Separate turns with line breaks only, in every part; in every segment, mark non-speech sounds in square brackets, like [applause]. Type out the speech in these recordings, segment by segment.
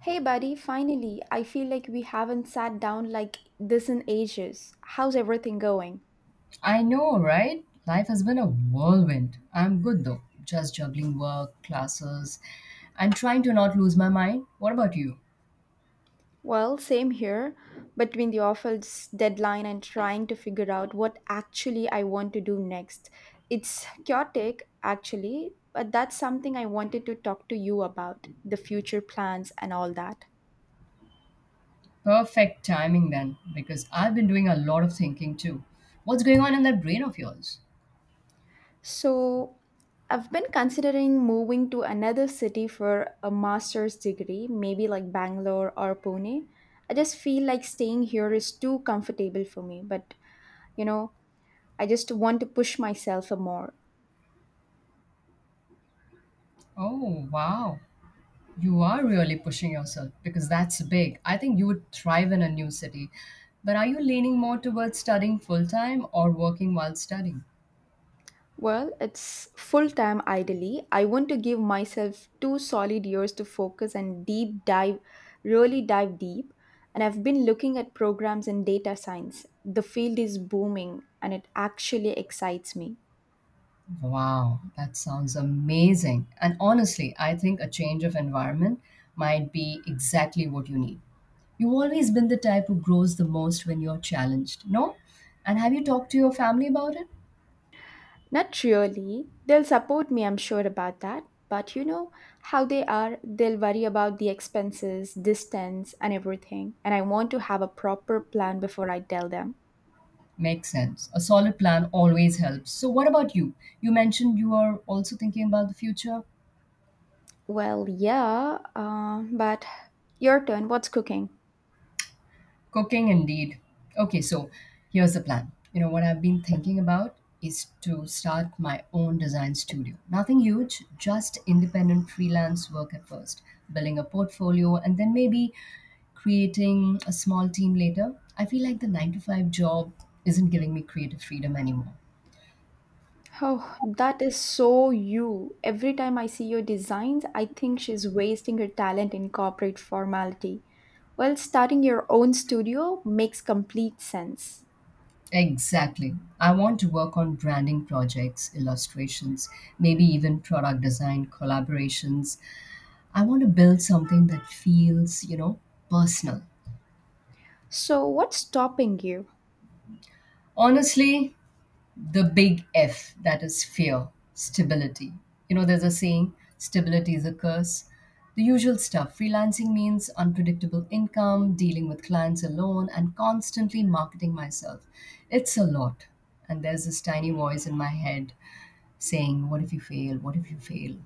Hey, buddy, finally, I feel like we haven't sat down like this in ages. How's everything going?
I know, right? Life has been a whirlwind. I'm good though, just juggling work, classes, and trying to not lose my mind. What about you?
Well, same here. Between the office deadline and trying to figure out what actually I want to do next. It's chaotic, actually, but that's something I wanted to talk to you about the future plans and all that.
Perfect timing then, because I've been doing a lot of thinking too. What's going on in that brain of yours?
So, I've been considering moving to another city for a master's degree, maybe like Bangalore or Pune. I just feel like staying here is too comfortable for me, but you know, I just want to push myself a more.
Oh, wow. You are really pushing yourself because that's big. I think you would thrive in a new city. But are you leaning more towards studying full time or working while studying?
Well, it's full time ideally. I want to give myself two solid years to focus and deep dive, really dive deep. And I've been looking at programs in data science. The field is booming and it actually excites me.
Wow, that sounds amazing. And honestly, I think a change of environment might be exactly what you need. You've always been the type who grows the most when you're challenged, no? And have you talked to your family about it?
Not really. They'll support me, I'm sure about that. But you know how they are. They'll worry about the expenses, distance, and everything. And I want to have a proper plan before I tell them.
Makes sense. A solid plan always helps. So, what about you? You mentioned you are also thinking about the future.
Well, yeah, but your turn. What's cooking?
Cooking indeed. Okay, so here's the plan. You know, what I've been thinking about is to start my own design studio. Nothing huge, just independent freelance work at first, building a portfolio, and then maybe creating a small team later. I feel like the nine to five job isn't giving me creative freedom anymore.
Oh, that is so you. Every time I see your designs, I think she's wasting her talent in corporate formality. Well, starting your own studio makes complete sense.
Exactly. I want to work on branding projects, illustrations, maybe even product design collaborations. I want to build something that feels, you know, personal.
So, what's stopping you?
Honestly, the big F that is fear, stability. You know, there's a saying, stability is a curse. The usual stuff. Freelancing means unpredictable income, dealing with clients alone, and constantly marketing myself. It's a lot. And there's this tiny voice in my head saying, "What if you fail? What if you fail?"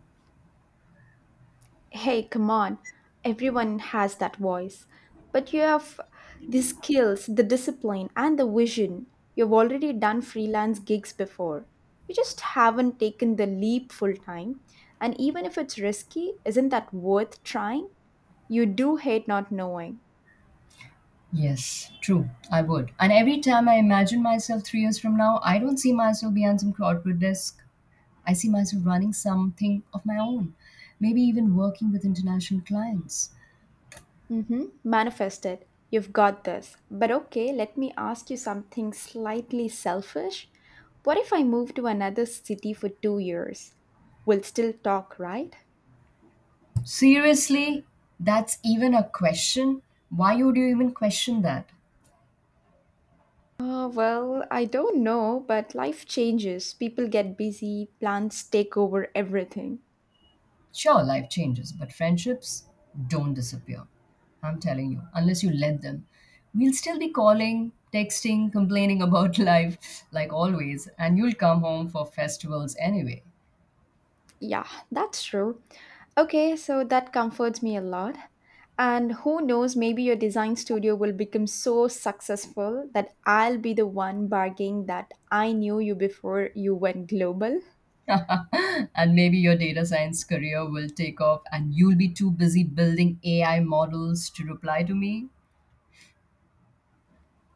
Hey, come on. Everyone has that voice. But you have the skills, the discipline, and the vision. You've already done freelance gigs before. You just haven't taken the leap full time. And even if it's risky, isn't that worth trying? You do hate not knowing.
Yes, true. I would. And every time I imagine myself 3 years from now, I don't see myself behind some corporate desk. I see myself running something of my own, maybe even working with international clients.
Mm-hmm. Manifest it. You've got this. But okay, let me ask you something slightly selfish. What if I move to another city for 2 years? We'll still talk, right?
Seriously, that's even a question? Why would you even question that?
Well, I don't know, but life changes. People get busy, plans take over everything.
Sure, life changes, but friendships don't disappear. I'm telling you, unless you let them. We'll still be calling, texting, complaining about [laughs] life like always, and you'll come home for festivals anyway.
Yeah, that's true. Okay, so that comforts me a lot. And who knows, maybe your design studio will become so successful that I'll be the one bargaining that I knew you before you went global. [laughs]
[laughs] And maybe your data science career will take off and you'll be too busy building AI models to reply to me.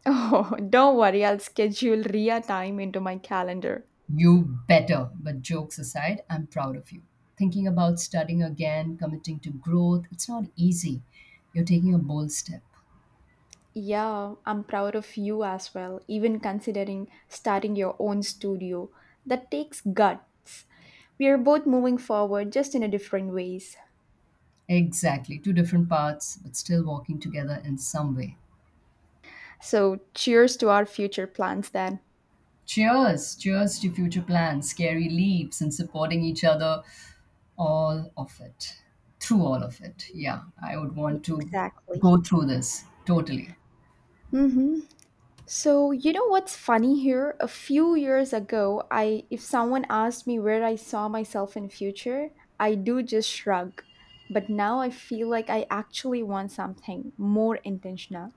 Oh, don't worry, I'll schedule Ria time into my calendar.
You better. But jokes aside, I'm proud of you. Thinking about studying again, committing to growth, it's not easy. You're taking a bold step.
Yeah, I'm proud of you as well, even considering starting your own studio. That takes guts. We are both moving forward just in a different ways.
Exactly. Two different paths, but still walking together in some way.
So, cheers to our future plans then.
Cheers. Cheers to future plans, scary leaps, and supporting each other. All of it. Through all of it. Yeah. I would want to
Exactly.
go through this. Totally.
Mm-hmm. So, you know what's funny here? A few years ago, I if someone asked me where I saw myself in future, I do just shrug. But now I feel like I actually want something more intentional.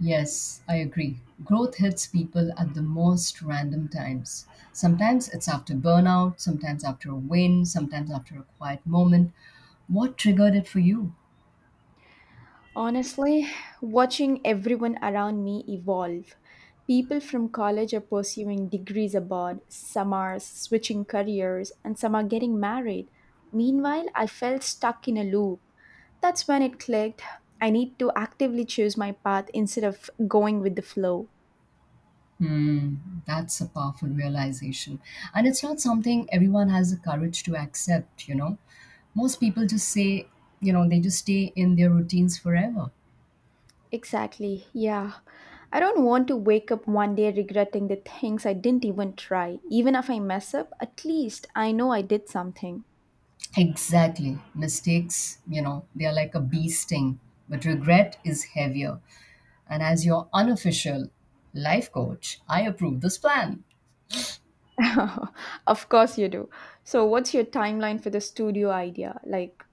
Yes, I agree. Growth hits people at the most random times. Sometimes it's after burnout, sometimes after a win, sometimes after a quiet moment. What triggered it for you?
Honestly, watching everyone around me evolve. People from college are pursuing degrees abroad, some are switching careers, and some are getting married. Meanwhile, I felt stuck in a loop. That's when it clicked. I need to actively choose my path instead of going with the flow.
Hmm, that's a powerful realization. And it's not something everyone has the courage to accept, you know. Most people just say, you know, they just stay in their routines forever.
Exactly, yeah. I don't want to wake up one day regretting the things I didn't even try. Even if I mess up, at least I know I did something.
Exactly. Mistakes, you know, they are like a bee sting, but regret is heavier. And as your unofficial life coach, I approve this plan.
[laughs] Of course you do. So, what's your timeline for the studio idea? Like,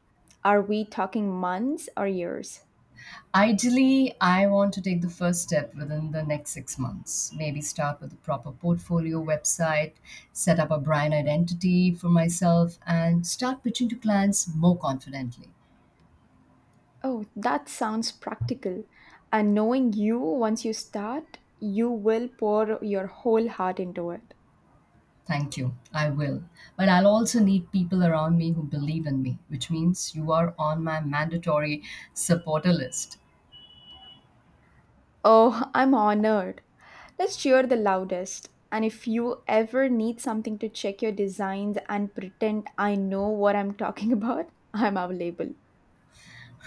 are we talking months or years?
Ideally, I want to take the first step within the next 6 months. Maybe start with a proper portfolio website, set up a brand identity for myself, and start pitching to clients more confidently.
Oh, that sounds practical. And knowing you, once you start, you will pour your whole heart into it.
Thank you. I will. But I'll also need people around me who believe in me, which means you are on my mandatory supporter list.
Oh, I'm honored. Let's cheer the loudest. And if you ever need something to check your designs and pretend I know what I'm talking [laughs] about, I'm available.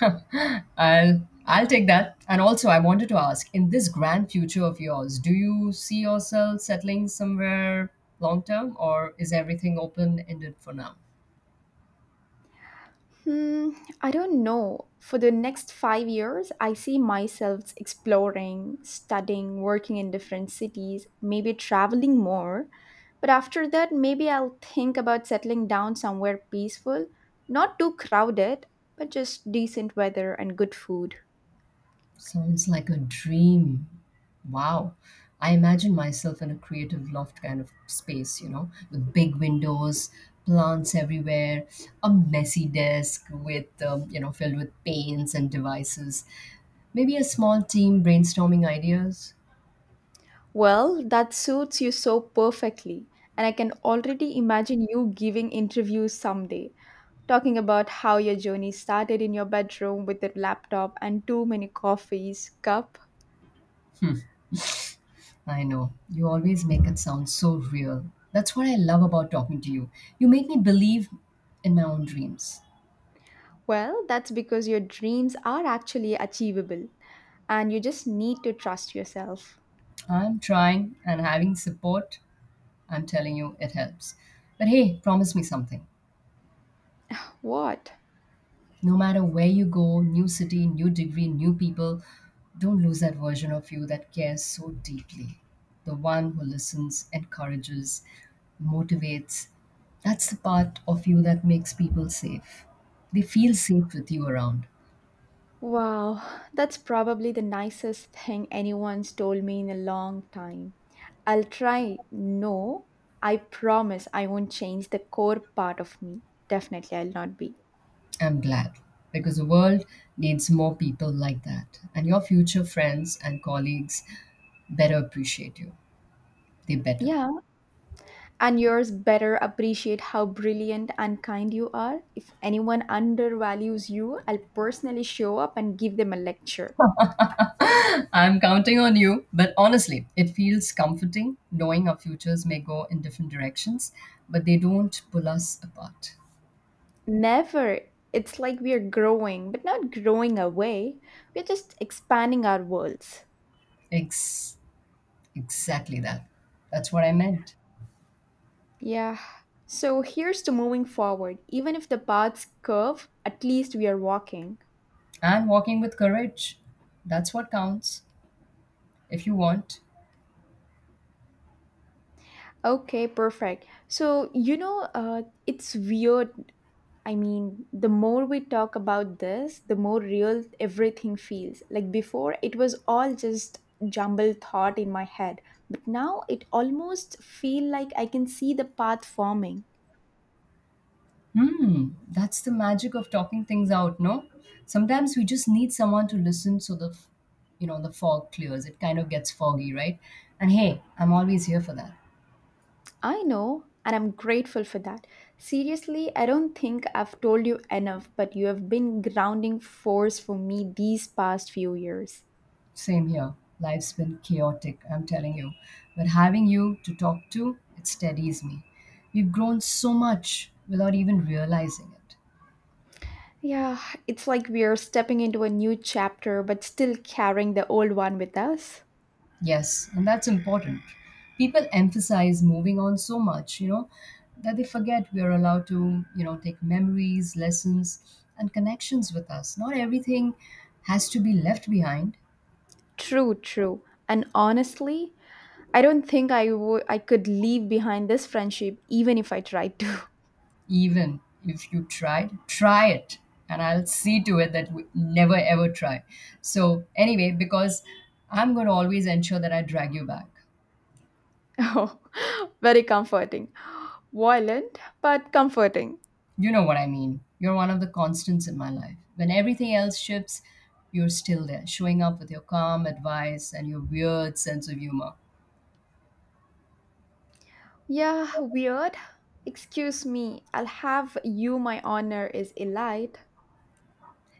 [laughs] I'll take that. And also I wanted to ask, in this grand future of yours, do you see yourself settling somewhere long term or is everything open ended for now?
Hmm, I don't know. For the next 5 years, I see myself exploring, studying, working in different cities, maybe traveling more. But after that, maybe I'll think about settling down somewhere peaceful, not too crowded, but just decent weather and good food.
Sounds like a dream. Wow. I imagine myself in a creative loft kind of space, you know, with big windows, plants everywhere, a messy desk with, you know, filled with paints and devices, maybe a small team brainstorming ideas.
Well, that suits you so perfectly, and I can already imagine you giving interviews someday, talking about how your journey started in your bedroom with a laptop and too many coffees cup.
I know, you always make it sound so real. That's what I love about talking to you. You make me believe in my own dreams.
Well, that's because your dreams are actually achievable and you just need to trust yourself.
I'm trying and having support, I'm telling you, it helps. But hey, promise me something.
What?
No matter where you go, new city, new degree, new people, don't lose that version of you that cares so deeply. The one who listens, encourages, motivates. That's the part of you that makes people safe. They feel safe with you around.
Wow, that's probably the nicest thing anyone's told me in a long time. I'll try. No, I promise I won't change the core part of me. Definitely, I'll not be.
I'm glad because the world needs more people like that. And your future friends and colleagues better appreciate you. They better.
Yeah, and yours better appreciate how brilliant and kind you are. If anyone undervalues you, I'll personally show up and give them a lecture.
I'm counting on you. But honestly, it feels comforting knowing our futures may go in different directions, but they don't pull us apart.
Never. It's like we are growing, but not growing away. We're just expanding our worlds.
Ex- exactly that. That's what I meant.
Yeah. So here's to moving forward. Even if the paths curve, at least we are walking.
And walking with courage. That's what counts, if you want.
Okay, perfect. So, it's weird. The more we talk about this, the more real everything feels. Like before, it was all just jumbled thought in my head, but now it almost feel like I can see the path forming.
Hmm, that's the magic of talking things out, no? Sometimes we just need someone to listen so you know, the fog clears. It kind of gets foggy, right? And hey, I'm always here for that.
I know, and I'm grateful for that. Seriously, I don't think I've told you enough, but you have been grounding force for me these past few years.
Same here. Life's been chaotic, I'm telling you. But having you to talk to, it steadies me. We've grown so much without even realizing it.
Yeah, it's like we are stepping into a new chapter but still carrying the old one with us.
Yes, and that's important. People emphasize moving on so much, you know, that they forget we are allowed to, you know, take memories, lessons, and connections with us. Not everything has to be left behind.
True. And honestly, I don't think I could leave behind this friendship even if I tried to. [laughs]
Even if you tried, try it. And I'll see to it that we never ever try. So, anyway, because I'm going to always ensure that I drag you back.
Oh, very comforting. Violent, but comforting.
You know what I mean. You're one of the constants in my life. When everything else shifts, you're still there, showing up with your calm advice and your weird sense of humor.
Yeah, weird. Excuse me. I'll have you my honor is elite. [laughs]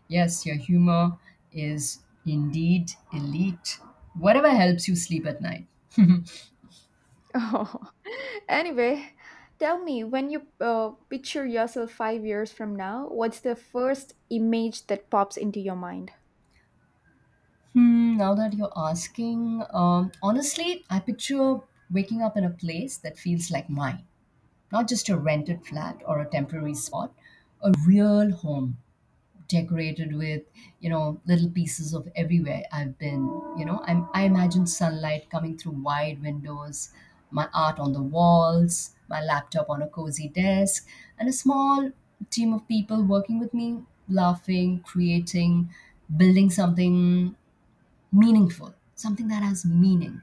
Yes, your humor is indeed elite. Whatever helps you sleep at night. [laughs]
Oh. Anyway, tell me when you picture yourself 5 years from now, what's the first image that pops into your mind?
Hmm, now that you're asking, honestly, I picture waking up in a place that feels like mine, not just a rented flat or a temporary spot, a real home decorated with, you know, little pieces of everywhere I've been. You know, I imagine sunlight coming through wide windows, my art on the walls, my laptop on a cozy desk, and a small team of people working with me, laughing, creating, building something meaningful. Something that has meaning.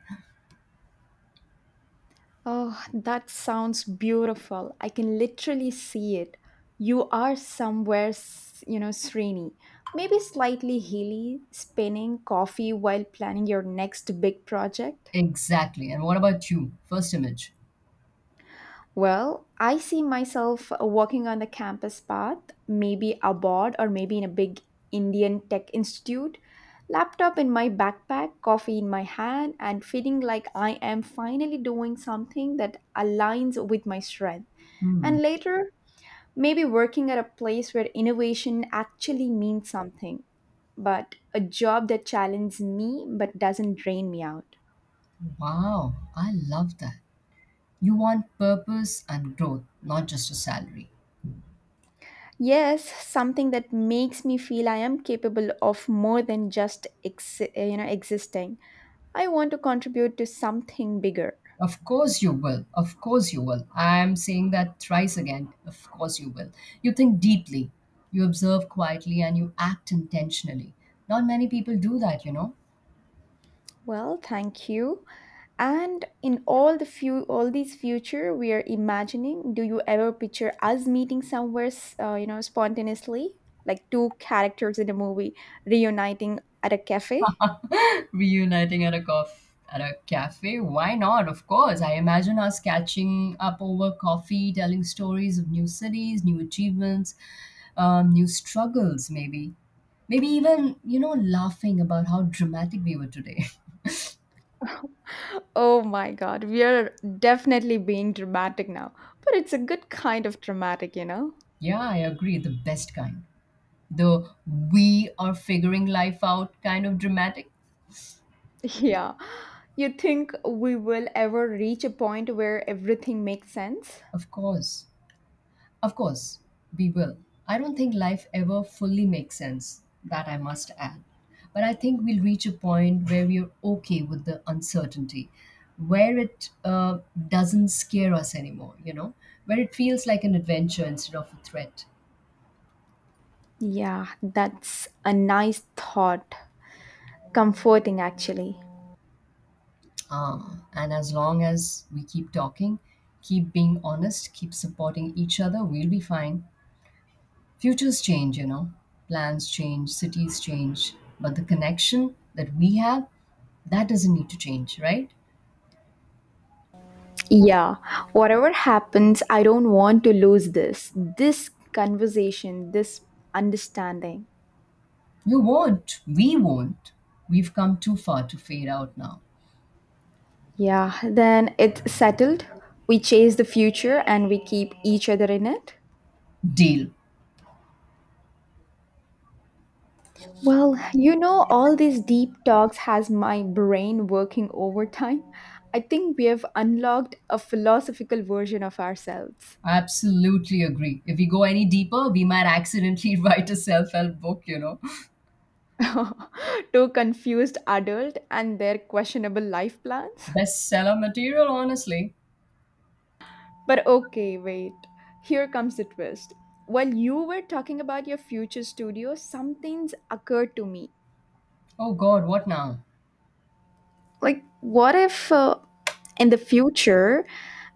Oh, that sounds beautiful. I can literally see it. You are somewhere, you know, Srini. Maybe slightly hilly, spinning coffee while planning your next big project.
Exactly. And what about you? First image.
Well, I see myself walking on the campus path, maybe abroad or maybe in a big Indian tech institute, laptop in my backpack, coffee in my hand, and feeling like I am finally doing something that aligns with my strength.
Hmm.
And later, maybe working at a place where innovation actually means something, but a job that challenges me but doesn't drain me out.
Wow. I love that. You want purpose and growth, not just a salary.
Yes, something that makes me feel I am capable of more than just you know existing. I want to contribute to something bigger.
Of course you will. Of course you will. I'm saying that thrice again. Of course you will. You think deeply, you observe quietly, and you act intentionally. Not many people do that, you know?
Well, thank you. And in all all these future we are imagining, do you ever picture us meeting somewhere, you know, spontaneously, like two characters in a movie reuniting at a cafe?
Reuniting at a cof At a cafe. Why not? Of course. I imagine us catching up over coffee, telling stories of new cities, new achievements, new struggles, maybe. Maybe even, you know, laughing about how dramatic we were today.
Oh my God, we are definitely being dramatic now, but it's a good kind of dramatic, you know?
[laughs] Yeah, I agree. The best kind. The we are figuring life out kind of dramatic.
[laughs] Yeah. You think we will ever reach a point where everything makes sense?
Of course. Of course, we will. I don't think life ever fully makes sense, that I must add. But I think we'll reach a point where we're okay with the uncertainty, where it doesn't scare us anymore, you know, where it feels like an adventure instead of a threat.
Yeah, that's a nice thought. Comforting, actually.
Ah, and as long as we keep talking, keep being honest, keep supporting each other, we'll be fine. Futures change, you know, plans change, cities change, but the connection that we have, that doesn't need to change, right?
Yeah, whatever happens, I don't want to lose this. This conversation, this understanding.
You won't. We won't. We've come too far to fade out now.
Yeah, then it's settled. We chase the future and we keep each other in it.
Deal.
Well, you know, all these deep talks has my brain working overtime. I think we have unlocked a philosophical version of ourselves.
I absolutely agree. If we go any deeper, we might accidentally [laughs] write a self help book, you know.
[laughs] Two confused adult and their questionable life plans.
Bestseller material, honestly.
But okay, wait. Here comes the twist. While you were talking about your future studio, something's occurred to me.
Oh God, what now?
Like, what if in the future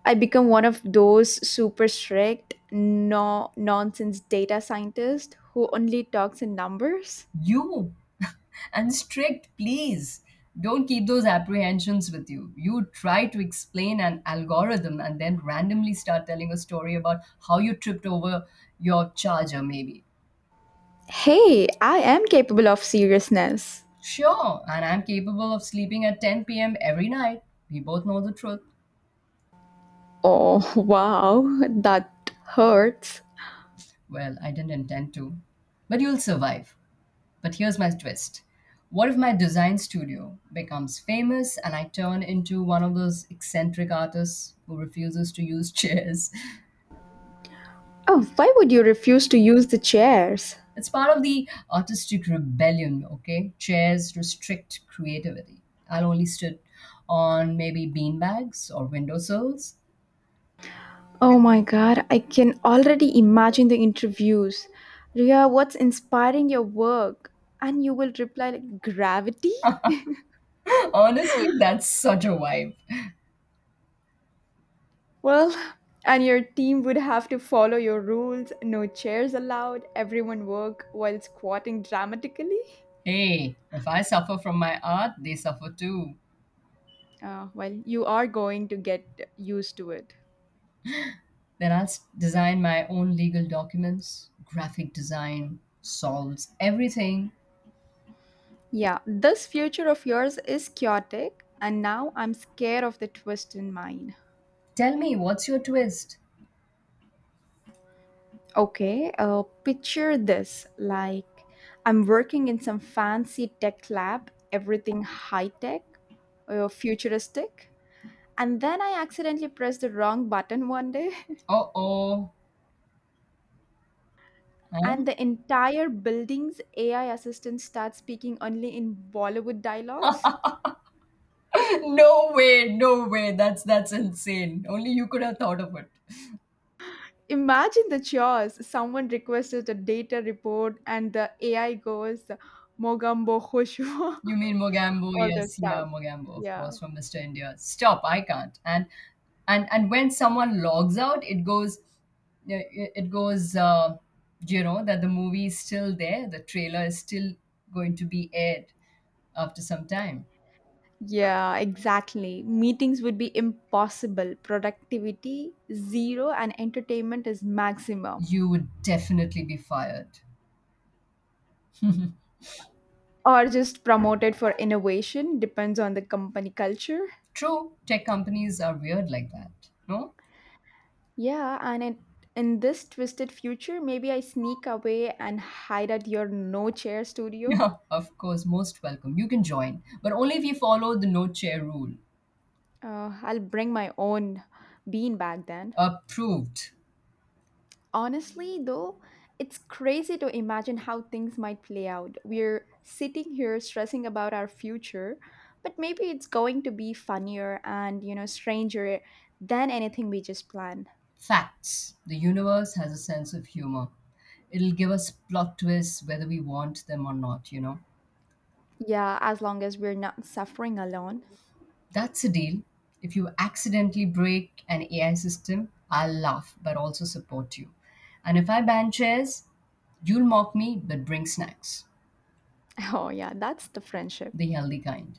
I become one of those super strict, no nonsense data scientists who only talks in numbers?
You. [laughs] And strict, please. Don't keep those apprehensions with you. You try to explain an algorithm and then randomly start telling a story about how you tripped over your charger, maybe.
Hey, I am capable of seriousness.
Sure, and I'm capable of sleeping at 10 p.m. every night. We both know the truth.
Oh, [laughs] wow, that hurts.
Well, I didn't intend to. But you'll survive. But here's my twist. What if my design studio becomes famous and I turn into one of those eccentric artists who refuses to use [laughs] chairs?
Oh, why would you refuse to use the chairs?
It's part of the artistic rebellion, okay? Chairs restrict creativity. I'll only sit on maybe beanbags or windowsills.
Oh my god, I can already imagine the interviews. Ria, what's inspiring your work? And you will reply like gravity?
[laughs] Honestly, that's such a vibe.
Well, [laughs] and your team would have to follow your rules, no chairs allowed, everyone work while squatting dramatically.
Hey, if I suffer from my art, they suffer too.
Well, you are going to get used to it.
Then design my own legal documents. Graphic design solves everything.
Yeah, this future of yours is chaotic, and now I'm scared of the twist in mine.
Tell me, what's your twist?
Okay, picture this like I'm working in some fancy tech lab, everything high tech or futuristic. And then I accidentally press the wrong button one day,
Uh oh.
[laughs] and
Huh?
the entire building's AI assistant starts speaking only in Bollywood dialogues.
[laughs] No way, no way. That's insane. Only you could have thought of it.
Imagine the chores. Someone requested a data report, and the AI goes, Mogambo Hoshu.
You mean Mogambo?
[laughs] All the
Yes, yeah,
stuff.
Mogambo, of
Yeah.
course, from Mr. India. Stop! I can't. And and when someone logs out, it goes, yeah, it goes. You know that the movie is still there. The trailer is still going to be aired after some time.
Yeah, exactly. Meetings would be impossible. Productivity zero and entertainment is maximum.
You would definitely be fired.
Or just promoted for innovation, depends on the company culture.
True, tech companies are weird like that. No. [laughs]
Yeah, and in this twisted future, maybe I sneak away and hide at your no chair studio.
Yeah, of course, most welcome. You can join, but only if you follow the no chair rule.
I'll bring my own bean bag then.
Approved.
Honestly, though, it's crazy to imagine how things might play out. We're sitting here stressing about our future, but maybe it's going to be funnier and, you know, stranger than anything we just planned.
Facts. The universe has a sense of humor. It'll give us plot twists whether we want them or not, you know.
Yeah, as long as we're not suffering alone. [laughs]
That's a deal. If you accidentally break an AI system, I'll laugh but also support you. And if I ban chairs, you'll mock me but bring snacks.
Oh, yeah, that's the friendship
The healthy kind.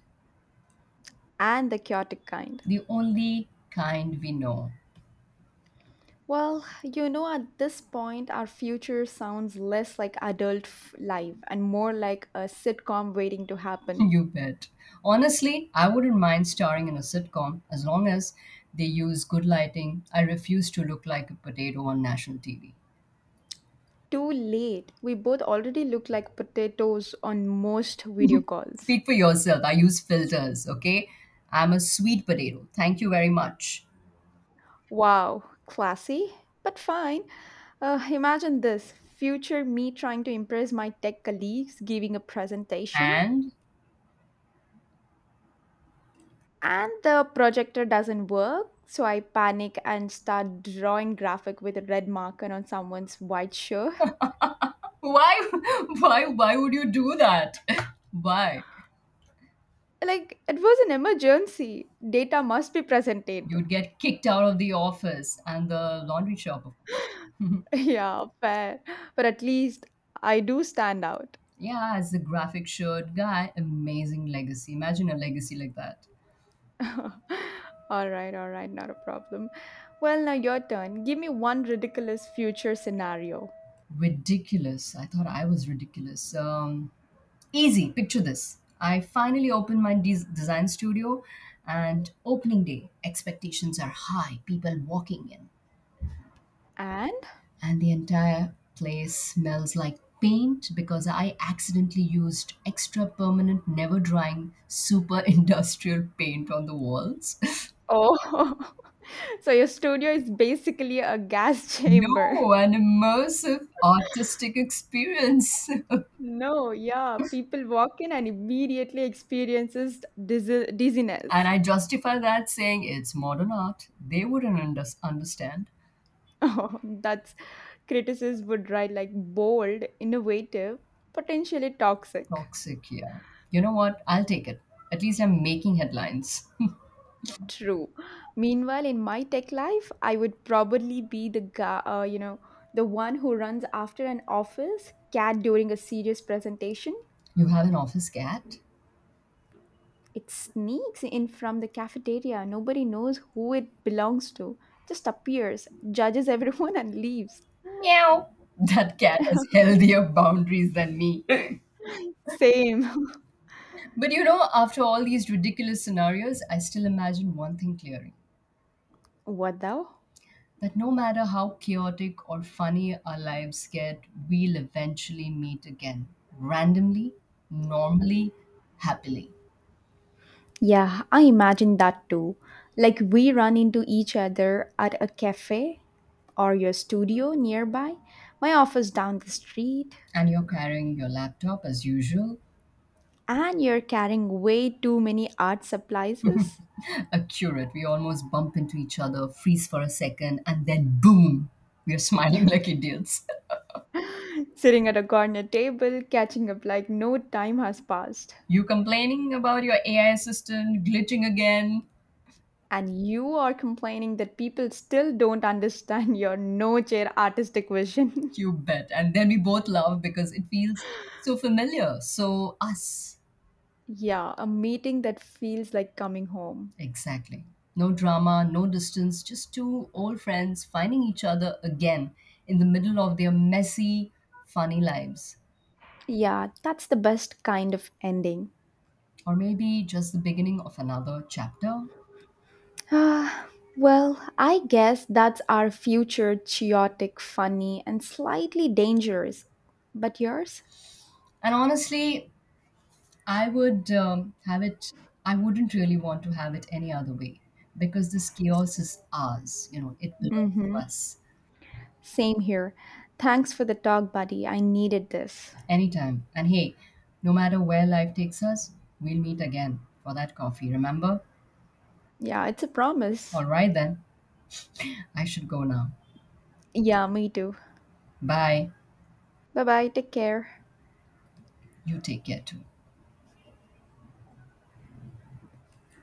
and the chaotic kind.
The only kind we know.
Well, you know, at this point, our future sounds less like adult life and more like a sitcom waiting to
[laughs]
happen.
You bet. Honestly, I wouldn't mind starring in a sitcom as long as they use good lighting. I refuse to look like a potato on national TV.
Too late. We both already look like potatoes on most video calls.
Speak for yourself. I use filters, okay? I'm a sweet potato. Thank you very much.
Wow, classy, but fine. Imagine this future me trying to impress my tech colleagues giving a presentation,
And
and the projector doesn't work. So I panic and start drawing graphic with a red marker on someone's white shirt.
why [laughs] why would you do that? [laughs] Why?
Like it was an emergency. Data must be presented.
You'd get kicked out of the office and the laundry shop.
[laughs] Yeah, fair. But at least I do stand out.
Yeah, as a graphic shirt guy, amazing legacy. Imagine a legacy like that.
[laughs] All right, all right, not a problem. Well, now your turn. Give me one ridiculous future scenario.
Ridiculous. I thought I was ridiculous. Um, easy, picture this. I finally opened my design studio, and opening day, expectations are high, people walking in,
And?
and the entire place smells like paint because I accidentally used extra permanent, never drying, super [laughs] industrial paint on the walls. [laughs]
Oh, [laughs] so your studio is basically a gas [laughs] chamber.
No, an immersive artistic experience. [laughs] And
No, yeah, people walk in and immediately experiences dizziness. [laughs]
I justify that saying it's modern art. They wouldn't understand.
Oh, that's critics would write like bold, innovative, potentially toxic.
Toxic, yeah. You know what? I'll take it. At least I'm making headlines. [laughs]
True. Meanwhile, in my tech life, I would probably be the guy, you know, the one who runs after an office cat during a serious presentation.
You have an office cat?
It sneaks in from the cafeteria. Nobody knows who it belongs to. Just appears, judges everyone, [laughs] and leaves.
Meow. [laughs] That cat has healthier boundaries than me. [laughs]
Same. [laughs]
But you know, after all these ridiculous scenarios, I still imagine one thing clearly
What thou?
that no matter how chaotic or funny our lives get, we'll eventually meet again. Randomly, normally, happily.
Yeah, I imagine that too. Like we run into each other at a cafe or your studio nearby, my office down the street.
And you're carrying your laptop as usual.
And you're carrying way too many art supplies,
Accurate. We almost bump into each other, freeze for a second, and then boom, we're smiling [laughs] like idiots.
sitting at a corner table, catching up like no time has passed.
You complaining about your AI assistant glitching again?
And you are complaining that people still don't understand your no chair artistic vision.
You bet. And then we both laugh because it feels so familiar. So, us.
[laughs] Yeah, a meeting that feels like coming home.
Exactly. No drama, no distance, just two old friends finding each other again in the middle of their messy, funny lives.
Yeah, that's the best kind of ending.
Or maybe just the beginning of another chapter.
Ah, well, I guess that's our future chaotic, funny, and slightly dangerous. But yours?
And honestly, I would um, have it, I wouldn't really want to have it any other way because this chaos is ours. You know, it belongs
Mm hmm.
to us.
Same here. Thanks for the talk, buddy. I needed this.
Anytime. And hey, no matter where life takes us, we'll meet again for that coffee, remember?
Yeah, it's a promise.
All right, then. I should go now.
Yeah, me too.
Bye.
Bye bye. Take care.
You take care too.